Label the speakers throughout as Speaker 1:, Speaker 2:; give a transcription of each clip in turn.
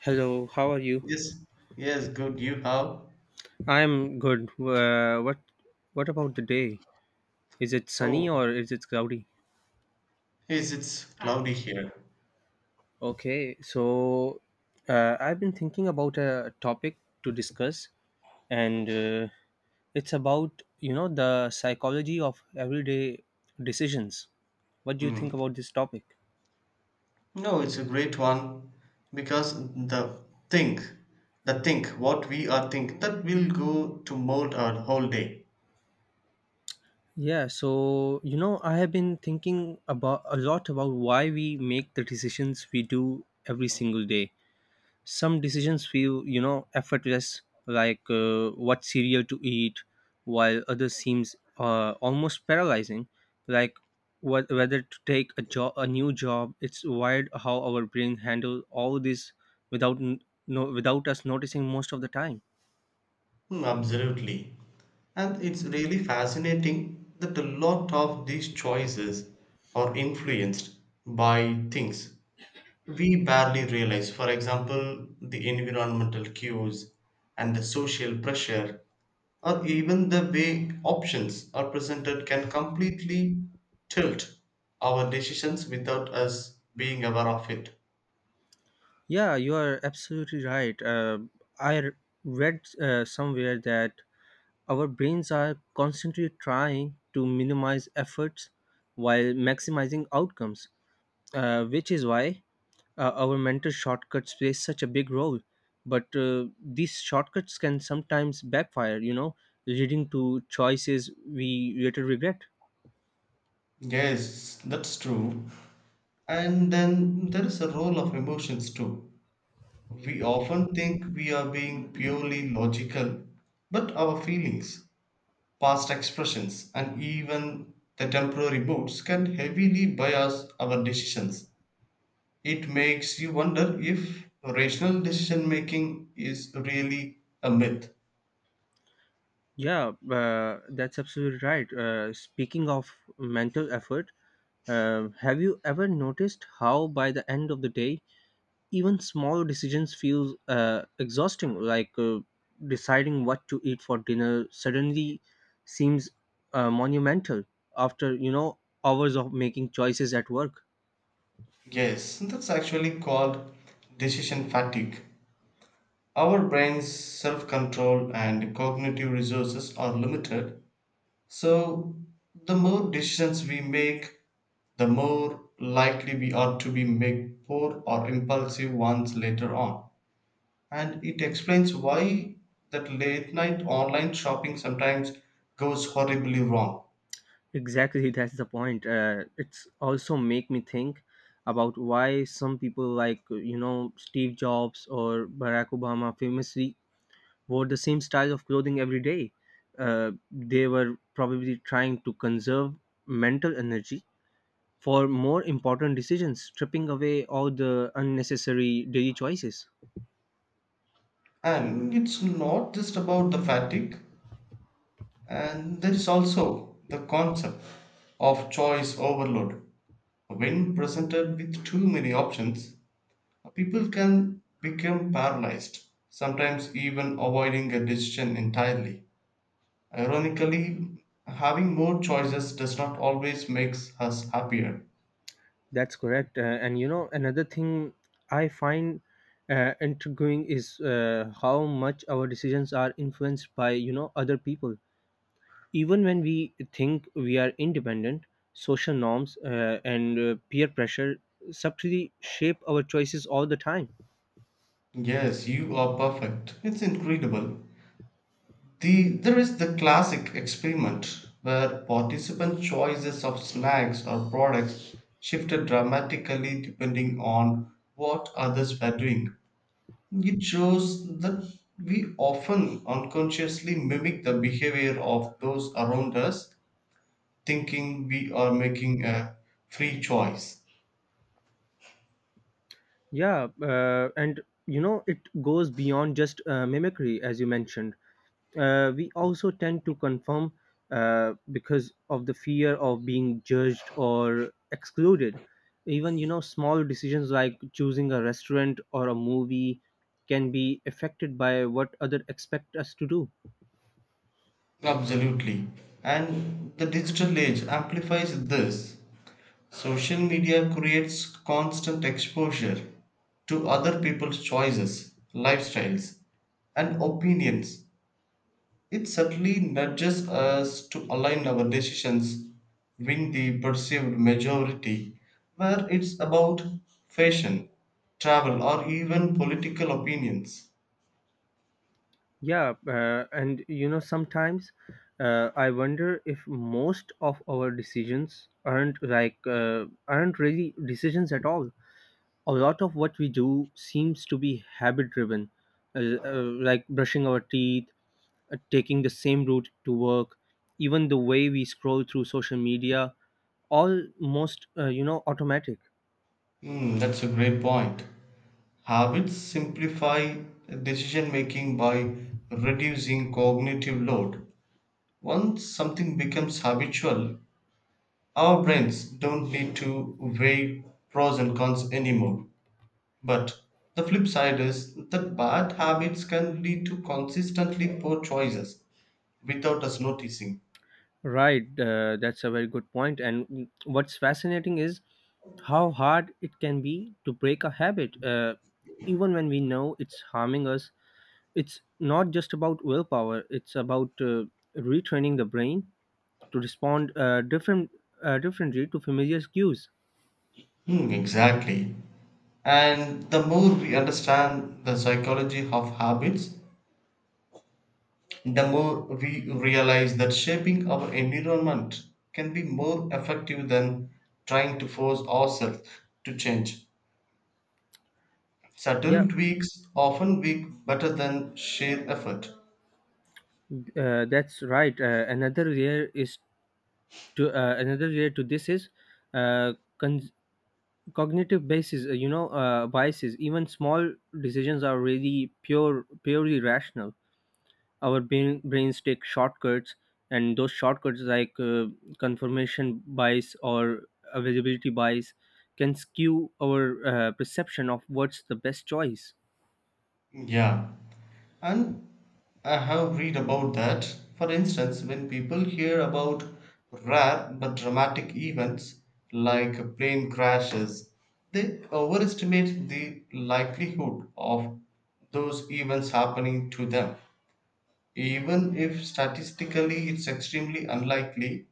Speaker 1: Hello, how are you?
Speaker 2: Yes, yes, good. You how?
Speaker 1: I'm good. What about the day? Is it sunny or
Speaker 2: Oh,
Speaker 1: is it cloudy?
Speaker 2: yes, it's cloudy here.
Speaker 1: Okay, so I've been thinking about a topic to discuss, and it's about the psychology of everyday decisions. What do you think
Speaker 2: Hmm.
Speaker 1: about this topic?
Speaker 2: No, it's a great one because think, the think, what we are think, that will go to mold our whole day.
Speaker 1: I have been thinking about a lot about why we make the decisions we do every single day. Some decisions feel effortless like what cereal to eat, while others seems almost paralyzing, like whether to take a new job. It's wired how our brain handle all this without no, without us noticing most of the time.
Speaker 2: Hmm, absolutely. And it's really fascinating that a lot of these choices are influenced by things we barely realize. For example, the environmental cues and the social pressure, or even the way options are presented, can completely tilt our decisions without us being aware of it.
Speaker 1: Yeah, you are absolutely right. I r- Read somewhere that our brains are constantly trying to minimize efforts while maximizing outcomes, which is why our mental shortcuts play such a big role. But these shortcuts can sometimes backfire, you know, leading to choices we later regret.
Speaker 2: Yes, that's true. And then there is a role of emotions too. We often think we are being purely logical, but our feelings past expressions, and even the temporary moods, can heavily bias our decisions. It makes you wonder if rational decision making is really a myth.
Speaker 1: Yeah, that's absolutely right. Speaking of mental effort, have you ever noticed how by the end of the day even small decisions feel exhausting, like deciding what to eat for dinner suddenly seems monumental after hours of making choices at work.
Speaker 2: Yes, that's actually called decision fatigue. Our brain's self control and cognitive resources are limited, so the more decisions we make, the more likely we are to be make poor or impulsive ones later on. And it explains why that late night online shopping sometimes goes horribly wrong.
Speaker 1: Exactly. That's the point. It's also make me think about why some people like Steve Jobs or Barack Obama famously wore the same style of clothing every day. They were probably trying to conserve mental energy for more important decisions, stripping away all the unnecessary daily choices.
Speaker 2: And it's not just about the fatigue, and there is also the concept of choice overload. When presented with too many options, people can become paralyzed, sometimes even avoiding a decision entirely. Ironically, having more choices does not always makes us happier.
Speaker 1: That's correct. And you know, another thing I find intriguing is how much our decisions are influenced by, you know, other people. Even when we think we are independent, social norms and peer pressure subtly shape our choices all the time.
Speaker 2: Yes, you are perfect. It's incredible. The there is the classic experiment where participant choices of snacks or products shifted dramatically depending on what others were doing. It shows that we often unconsciously mimic the behavior of those around us, thinking we are making a free choice.
Speaker 1: Yeah, and you know, it goes beyond just mimicry. As you mentioned, we also tend to conform because of the fear of being judged or excluded. Even you know, small decisions like choosing a restaurant or a movie can be affected by what other expect us to do.
Speaker 2: Absolutely. And the digital age amplifies this. Social media creates constant exposure to other people's choices, lifestyles, and opinions. It certainly nudges us to align our decisions with the perceived majority, where it's about fashion, travel, or even political opinions.
Speaker 1: Yeah, and you know sometimes I wonder if most of our decisions aren't really decisions at all. A lot of what we do seems to be habit driven, uh, uh, like brushing our teeth, taking the same route to work, even the way we scroll through social media, almost, you know, automatic.
Speaker 2: Hmm, that's a great point. Habits simplify decision making by reducing cognitive load. Once something becomes habitual, our brains don't need to weigh pros and cons anymore. But the flip side is that bad habits can lead to consistently poor choices without us noticing.
Speaker 1: Right, that's a very good point. And what's fascinating is how hard it can be to break a habit, even when we know it's harming us. It's not just about willpower, it's about retraining the brain to respond differently to familiar cues.
Speaker 2: Hmm, exactly. And the more we understand the psychology of habits, the more we realize that shaping our environment can be more effective than trying to force ourselves to change.
Speaker 1: Yeah,
Speaker 2: Subtle tweaks often work better than sheer effort.
Speaker 1: uh, that's right. Another layer is to another layer to this is uh, con- cognitive basis. Biases. Even small decisions are really purely rational. Our brains take shortcuts, and those shortcuts, like confirmation bias or availability bias, can skew our perception of what's the best choice.
Speaker 2: Yeah, and I have read about that. For instance, when people hear about rare but dramatic events like plane crashes, they overestimate the likelihood of those events happening to them. Even if statistically it's extremely unlikely,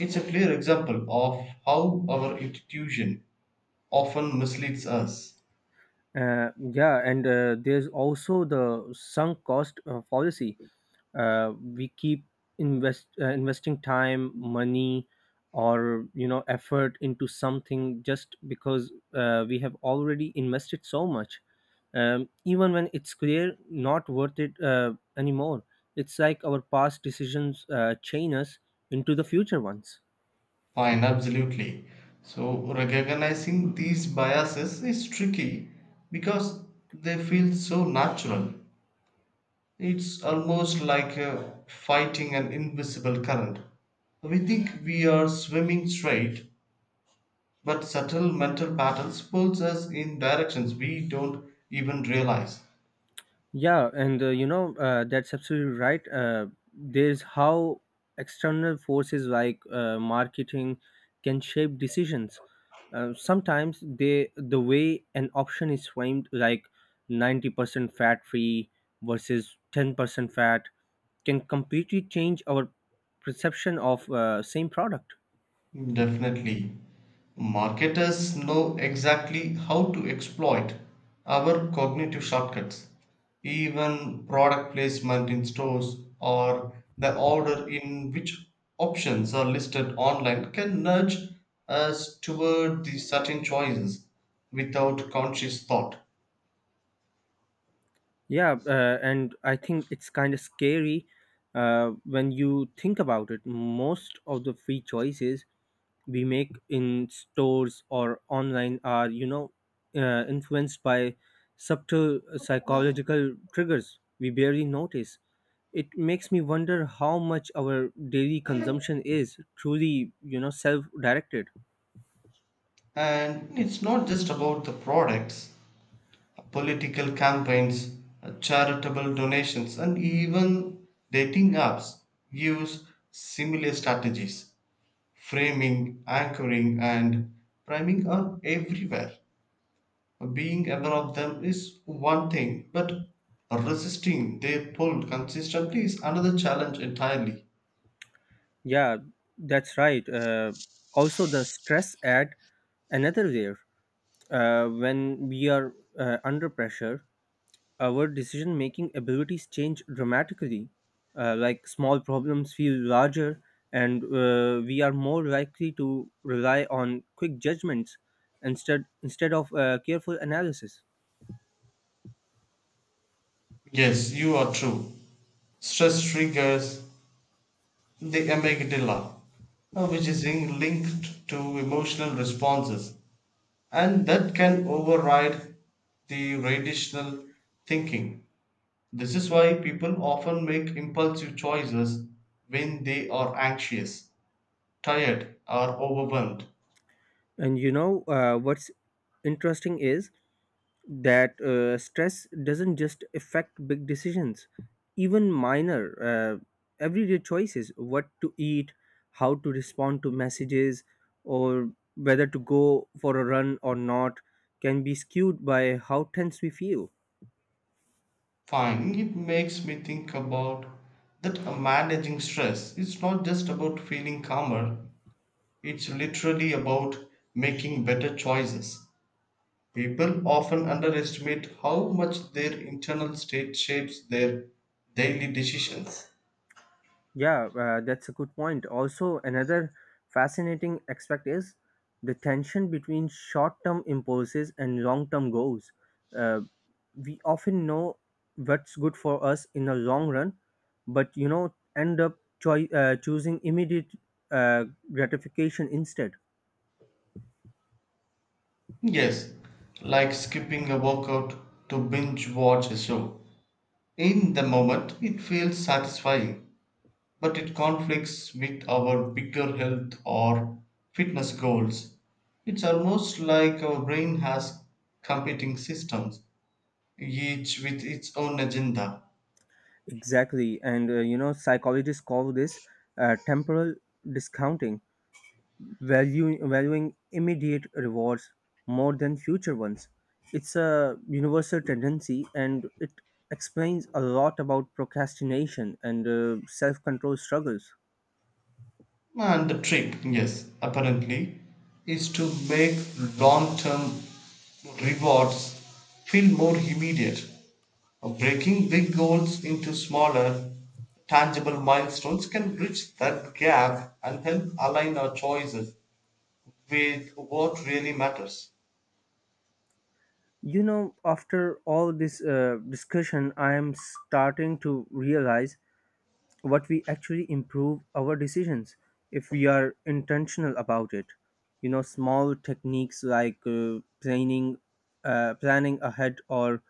Speaker 2: it's a clear example of how our intuition often misleads us.
Speaker 1: Yeah, and there's also the sunk cost policy. We keep investing time, money, or you know, effort into something just because we have already invested so much. Even when it's clear not worth it anymore, it's like our past decisions chain us into the future ones.
Speaker 2: Fine, absolutely. So, recognizing these biases is tricky because they feel so natural. It's almost like fighting an invisible current. We think we are swimming straight, but subtle mental patterns pulls us in directions we don't even realize.
Speaker 1: Yeah, and you know that's absolutely right. There's how external forces like marketing can shape decisions. Sometimes the way an option is framed, like 90% fat free versus 10% fat, can completely change our perception of same product.
Speaker 2: Definitely. Marketers know exactly how to exploit our cognitive shortcuts. Even product placement in stores or the order in which options are listed online can nudge us toward the certain choices without conscious thought.
Speaker 1: Yeah, and I think it's kind of scary when you think about it. Most of the free choices we make in stores or online are, you know, influenced by subtle psychological triggers we barely notice. It makes me wonder how much our daily consumption is truly, you know, self directed.
Speaker 2: And it's not just about the products, political campaigns, charitable donations, and even dating apps use similar strategies framing, anchoring, and priming are everywhere. Being aware of them is one thing, but resisting their pull consistently is another challenge entirely.
Speaker 1: Yeah, that's right. Also, the stress ad another layer. When we are under pressure, our decision making abilities change dramatically. Like small problems feel larger, and we are more likely to rely on quick judgments instead of careful analysis.
Speaker 2: Yes, you are true. Stress triggers the amygdala, which is linked to emotional responses. And that can override the rational thinking. This is why people often make impulsive choices when they are anxious, tired, or overwhelmed.
Speaker 1: And you know, what's interesting is that stress doesn't just affect big decisions. Even minor uh, everyday choices, what to eat, how to respond to messages, or whether to go for a run or not, can be skewed by how tense we feel.
Speaker 2: Fine, it makes me think about that managing stress is not just about feeling calmer, it's literally about making better choices. People often underestimate how much their internal state shapes their daily decisions.
Speaker 1: Yeah, that's a good point. Also, another fascinating aspect is the tension between short term impulses and long term goals. Uh, we often know what's good for us in the long run, but you know, end up choosing immediate uh, gratification instead.
Speaker 2: Yes, like skipping a workout to binge watch a show. In the moment, it feels satisfying, but it conflicts with our bigger health or fitness goals. It's almost like our brain has competing systems, each with its own agenda.
Speaker 1: Exactly. And you know, psychologists call this temporal discounting, valuing immediate rewards more than future ones. It's a universal tendency, and it explains a lot about procrastination and self control struggles.
Speaker 2: And the trick, yes, apparently, is to make long term rewards feel more immediate. Breaking big goals into smaller, tangible milestones can bridge that gap and help align our choices with what really matters.
Speaker 1: You know, after all this discussion, I am starting to realize what we actually improve our decisions if we are intentional about it. You know, small techniques like planning ahead or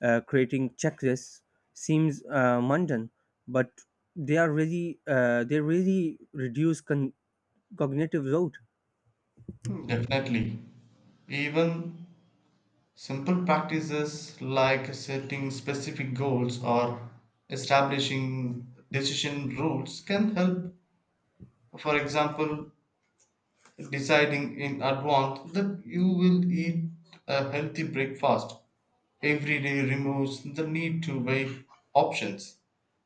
Speaker 1: creating checklists seems mundane, but they really reduce cognitive load.
Speaker 2: Hmm, definitely. Even simple practices like setting specific goals or establishing decision rules can help, for example, deciding in advance that you will eat a healthy breakfast every day removes the need to weigh options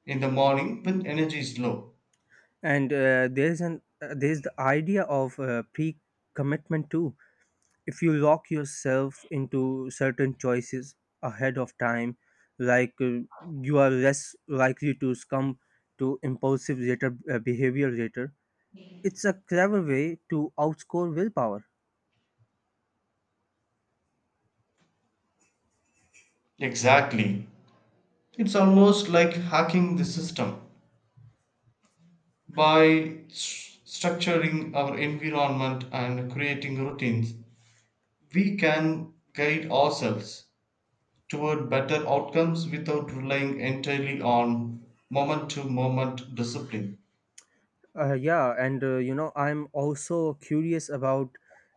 Speaker 2: in the morning when energy is low.
Speaker 1: And there's the idea of pre commitment too. If you lock yourself into certain choices ahead of time, like uh, you are less likely to succumb to impulsive later behavior later. It's a clever way to outscore willpower.
Speaker 2: Exactly. It's almost like hacking the system by structuring our environment and creating routines we can guide ourselves toward better outcomes without relying entirely on moment to moment discipline.
Speaker 1: Uh, yeah and uh, you know, I'm also curious about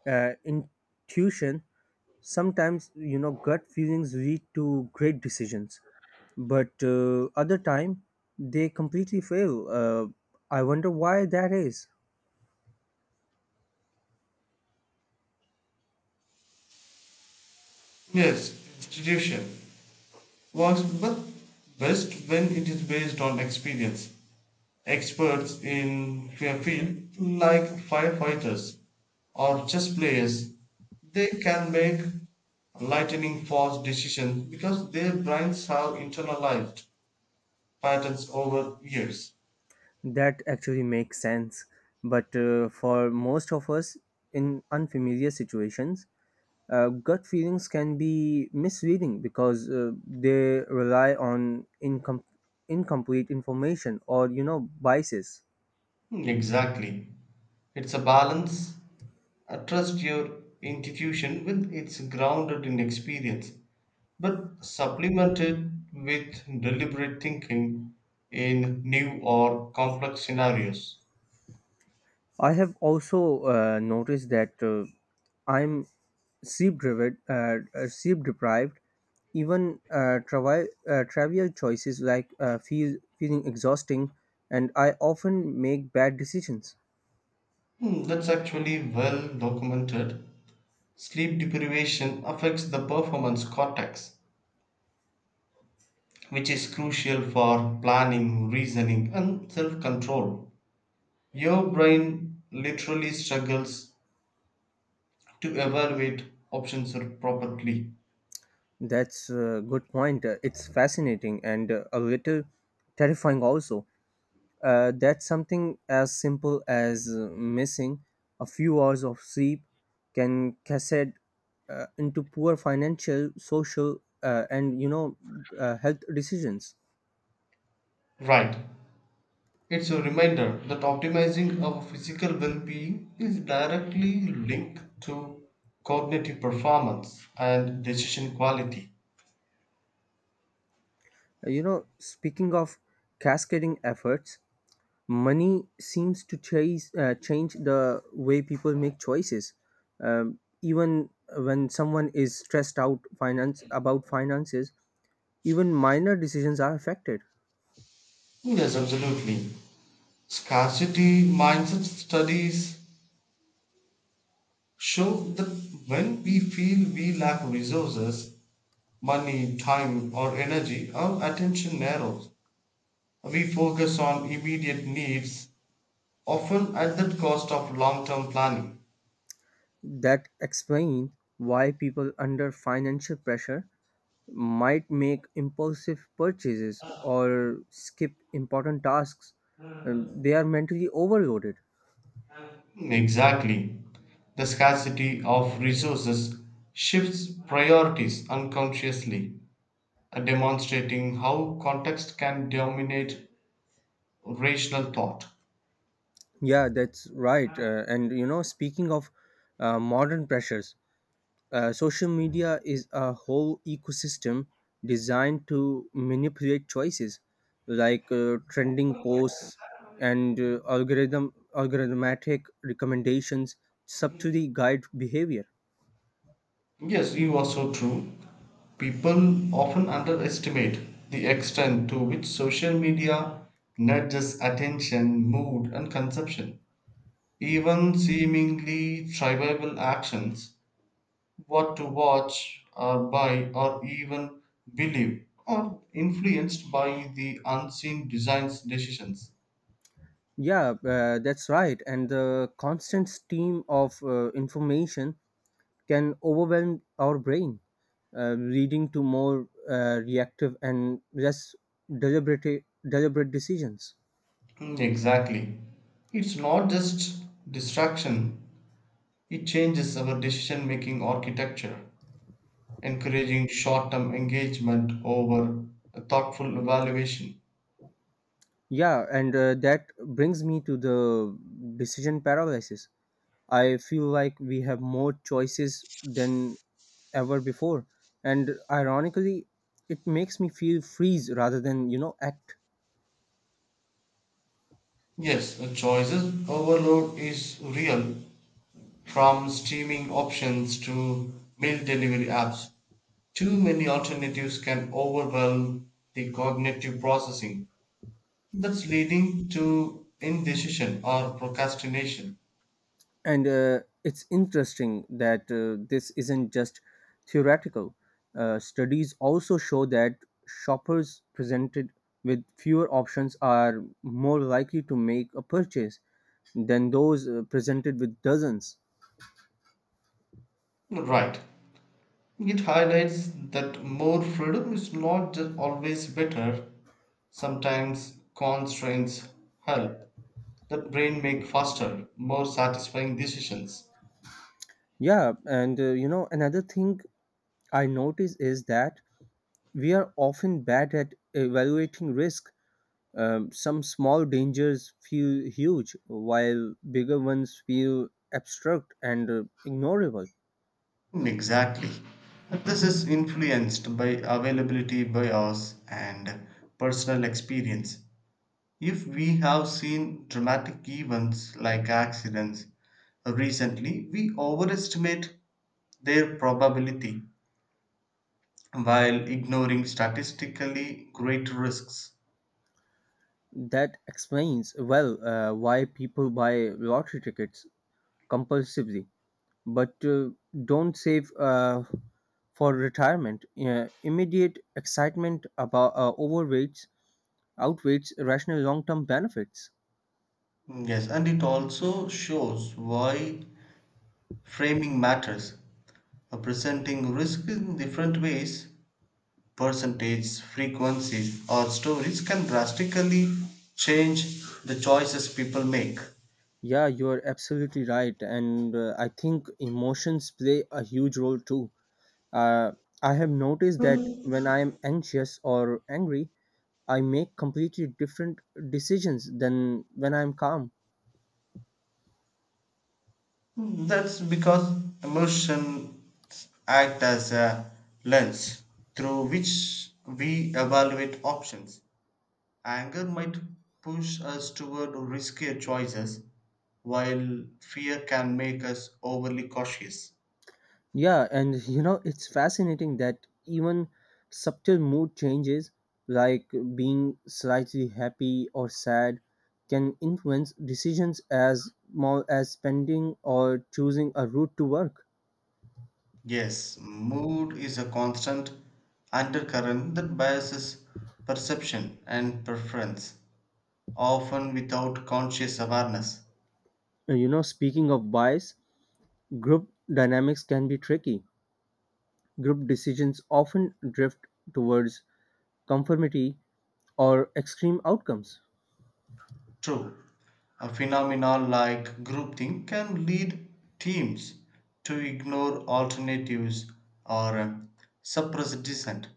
Speaker 1: intuition. Sometimes you know, gut feelings lead to great decisions, but other time they completely fail. I wonder why that is.
Speaker 2: Yes, institution works but best when it is based on experience. Experts in their field, like firefighters or chess players, they can make lightning fast decisions because their brains have internalized patterns over years.
Speaker 1: That actually makes sense. But for most of us in unfamiliar situations, gut feelings can be misleading because they rely on incomplete information or you know, biases.
Speaker 2: Hmm, exactly. It's a balance. Trust your institution with its grounded in experience, but supplement it with deliberate thinking in new or complex scenarios.
Speaker 1: I have also noticed that I'm sleep deprived. Even trivial choices like feeling exhausting, and I often make bad decisions.
Speaker 2: Hmm, that's actually well documented. Sleep deprivation affects the performance cortex, which is crucial for planning, reasoning, and self control. Your brain literally struggles to evaluate options properly.
Speaker 1: That's a good point. It's fascinating and a little terrifying also. That something as simple as missing a few hours of sleep can cascade into poor financial, social, and you know, health decisions.
Speaker 2: Right. It's a reminder that optimizing our physical well being is directly linked to cognitive performance and decision quality.
Speaker 1: You know, speaking of cascading efforts, money seems to change the way people make choices. Even when someone is stressed out finance about finances, even minor decisions are affected.
Speaker 2: Yes, absolutely. Scarcity mindset studies show that when we feel we lack resources, money, time, or energy, our attention narrows. We focus on immediate needs, often at the cost of long term planning.
Speaker 1: That explains why people under financial pressure might make impulsive purchases or skip important tasks. They are mentally overloaded.
Speaker 2: Exactly. The scarcity of resources shifts priorities unconsciously, demonstrating how context can dominate rational thought.
Speaker 1: Yeah, that's right. And you know, speaking of modern pressures, social media is a whole ecosystem designed to manipulate choices, like trending posts and algorithmatic recommendations subtly guide behavior.
Speaker 2: Yes, you are so true. People often underestimate the extent to which social media nudges attention, mood, and consumption. Even seemingly trivial actions what to watch or buy or even believe are influenced by the unseen design's decisions.
Speaker 1: Yeah, that's right, and the constant stream of information can overwhelm our brain, leading to more reactive and less deliberate deliberate decisions.
Speaker 2: Mm, exactly. It's not just distraction, it changes our decision making architecture, encouraging short term engagement over a thoughtful evaluation.
Speaker 1: Yeah, and that brings me to the decision paralysis. I feel like we have more choices than ever before, and ironically, it makes me feel freeze rather than you know, act.
Speaker 2: Yes, a choices overload is real, from streaming options to meal delivery apps. Too many alternatives can overwhelm the cognitive processing, that's leading to indecision or procrastination.
Speaker 1: And it's interesting that this isn't just theoretical. Studies also show that shoppers presented with fewer options are more likely to make a purchase than those presented with dozens.
Speaker 2: Right. It highlights that more freedom is not just always better. Sometimes constraints help the brain make faster, more satisfying decisions.
Speaker 1: Yeah, and you know, another thing I notice is that we are often bad at evaluating risk. Some small dangers feel huge, while bigger ones feel abstract and ignorable.
Speaker 2: Hmm, exactly. This is influenced by availability bias and personal experience. If we have seen dramatic events like accidents recently, we overestimate their probability while ignoring statistically great risks.
Speaker 1: That explains well why people buy lottery tickets compulsively, but don't save for retirement. Immediate excitement about overweights outweighs rational long term benefits.
Speaker 2: Yes, and it also shows why framing matters. Presenting risk in different ways percentage, frequencies, or stories can drastically change the choices people make.
Speaker 1: Yeah, you're absolutely right. And I think emotions play a huge role too. Uh, I have noticed that when I am anxious or angry, I make completely different decisions than when I am calm.
Speaker 2: Mm, that's because emotions act as a lens through which we evaluate options. Anger might push us toward riskier choices, while fear can make us overly cautious.
Speaker 1: Yeah, and you know, it's fascinating that even subtle mood changes, like being slightly happy or sad, can influence decisions as small as spending or choosing a route to work.
Speaker 2: Yes, mood is a constant undercurrent that biases perception and preference, often without conscious awareness.
Speaker 1: And you know, speaking of bias, group dynamics can be tricky. Group decisions often drift towards conformity or extreme outcomes.
Speaker 2: True, a phenomena like groupthink can lead teams to ignore alternatives or suppress dissent,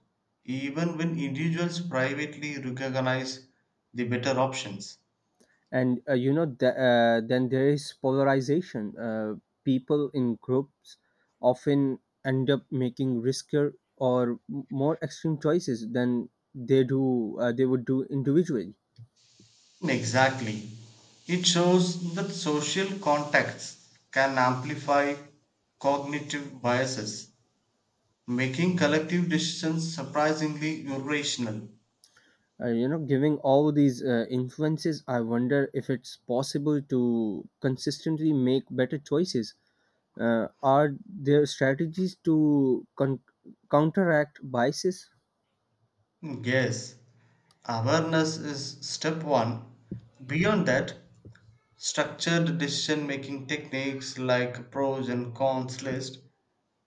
Speaker 2: even when individuals privately recognize the better options.
Speaker 1: And then there is polarization. People in groups often end up making riskier or more extreme choices than they would do individually.
Speaker 2: Exactly. It shows that social contacts can amplify cognitive biases, making collective decisions surprisingly irrational.
Speaker 1: You know, giving all these influences, I wonder if it's possible to consistently make better choices. Are there strategies to counteract biases?
Speaker 2: Yes, awareness is step one. Beyond that, structured decision making techniques like pros and cons list,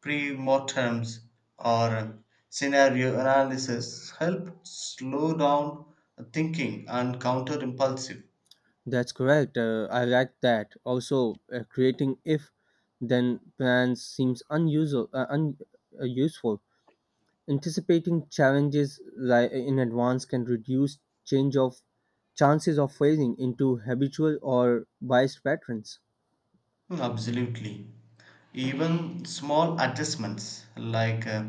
Speaker 2: pre mortems, or scenario analysis help slow down thinking and counter impulsive.
Speaker 1: That's correct. I like that. Also, creating if then plans seems useful. Anticipating challenges like in advance can reduce change of chances of failing into habitual or biased patterns.
Speaker 2: Mm, absolutely. Even small adjustments like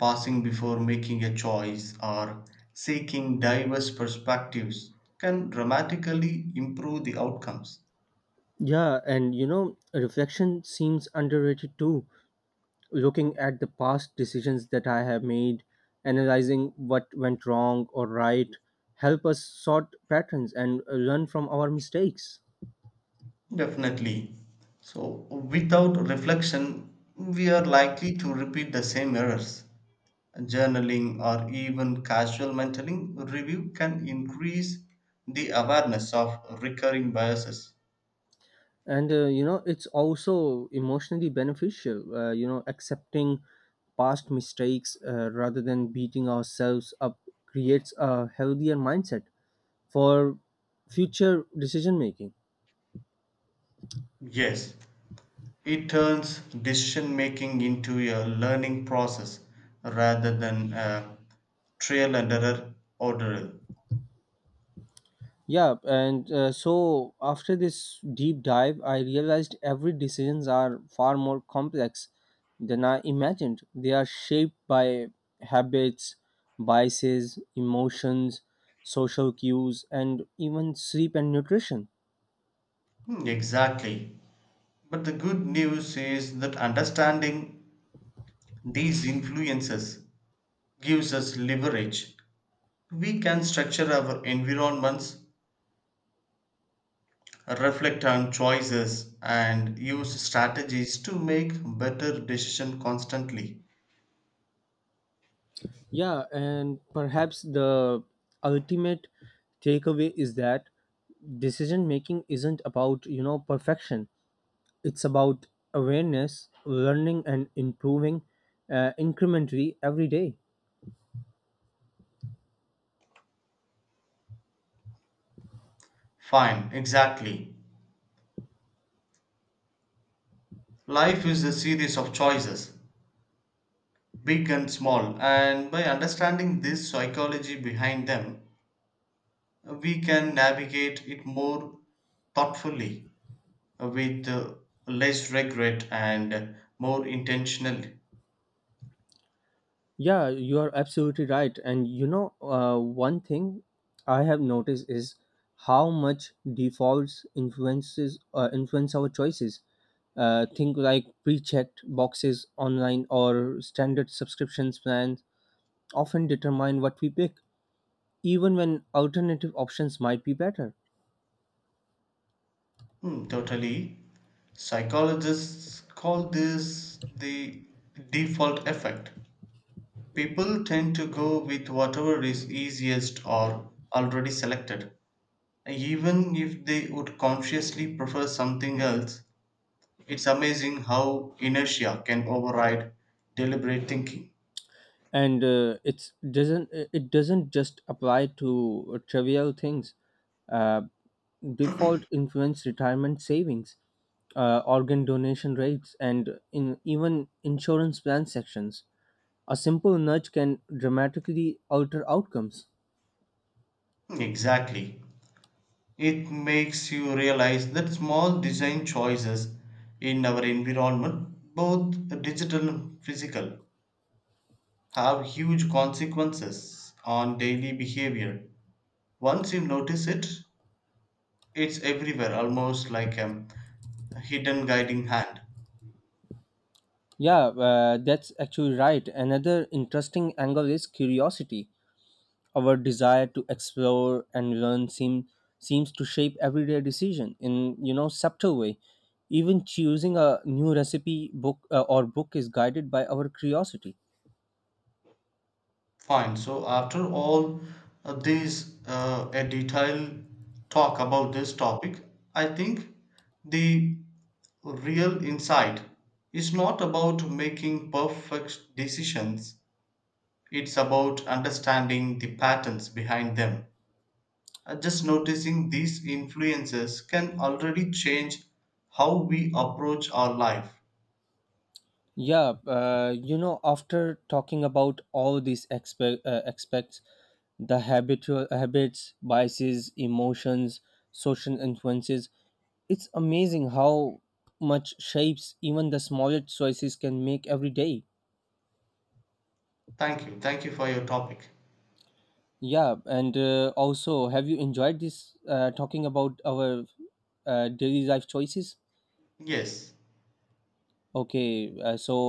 Speaker 2: passing before making a choice or seeking diverse perspectives can dramatically improve the outcomes.
Speaker 1: Yeah, and you know, reflection seems underrated too. Looking at the past decisions that I have made, analyzing what went wrong or right, help us sort patterns and learn from our mistakes.
Speaker 2: Definitely. So, without reflection, we are likely to repeat the same errors. Journaling or even casual mentoring review can increase the awareness of recurring biases.
Speaker 1: And you know, it's also emotionally beneficial. You know, accepting past mistakes rather than beating ourselves up creates a healthier mindset for future decision making.
Speaker 2: Yes, it turns decision making into a learning process rather than a trial and error ordeal.
Speaker 1: Yeah, and so after this deep dive, I realized every decisions are far more complex than I imagined. They are shaped by habits, biases, emotions, social cues, and even sleep and nutrition.
Speaker 2: Hmm, exactly. But the good news is that understanding these influences gives us leverage. We can structure our environments, reflect on choices, and use strategies to make better decisions constantly.
Speaker 1: Yeah, and perhaps the ultimate takeaway is that decision making isn't about you know, perfection. It's about awareness, learning, and improving incrementally every day.
Speaker 2: Fine, exactly. Life is a series of choices, big and small. And by understanding this psychology behind them, we can navigate it more thoughtfully, with less regret and more intentionally.
Speaker 1: Yeah, you are absolutely right. And you know, one thing I have noticed is how much defaults influence our choices. Think like pre-checked boxes online or standard subscriptions plans often determine what we pick, even when alternative options might be better.
Speaker 2: Hmm, totally. Psychologists call this the default effect. People tend to go with whatever is easiest or already selected, even if they would consciously prefer something else. It's amazing how inertia can override deliberate thinking.
Speaker 1: And it doesn't just apply to trivial things. uh, Default influence retirement savings, organ donation rates, and in even insurance plan sections. A simple nudge can dramatically alter outcomes.
Speaker 2: Exactly. It makes you realize that small design choices in our environment, both digital and physical, have huge consequences on daily behavior. Once you notice it, it's everywhere, almost like a hidden guiding hand.
Speaker 1: Yeah, that's actually right. Another interesting angle is curiosity. Our desire to explore and learn seems to shape everyday decision in you know, subtle way. Even choosing a new recipe book or book is guided by our curiosity.
Speaker 2: Fine. So after all this, a detailed talk about this topic, I think the real insight is not about making perfect decisions. It's about understanding the patterns behind them. Just noticing these influences can already change how we approach our life.
Speaker 1: Yeah, you know, after talking about all these aspects, the habitual habits, biases, emotions, social influences, it's amazing how much shapes even the smallest choices can make every day.
Speaker 2: Thank you. Thank you for your topic.
Speaker 1: Yeah, and also, have you enjoyed this talking about our daily life choices?
Speaker 2: Yes.
Speaker 1: Okay, so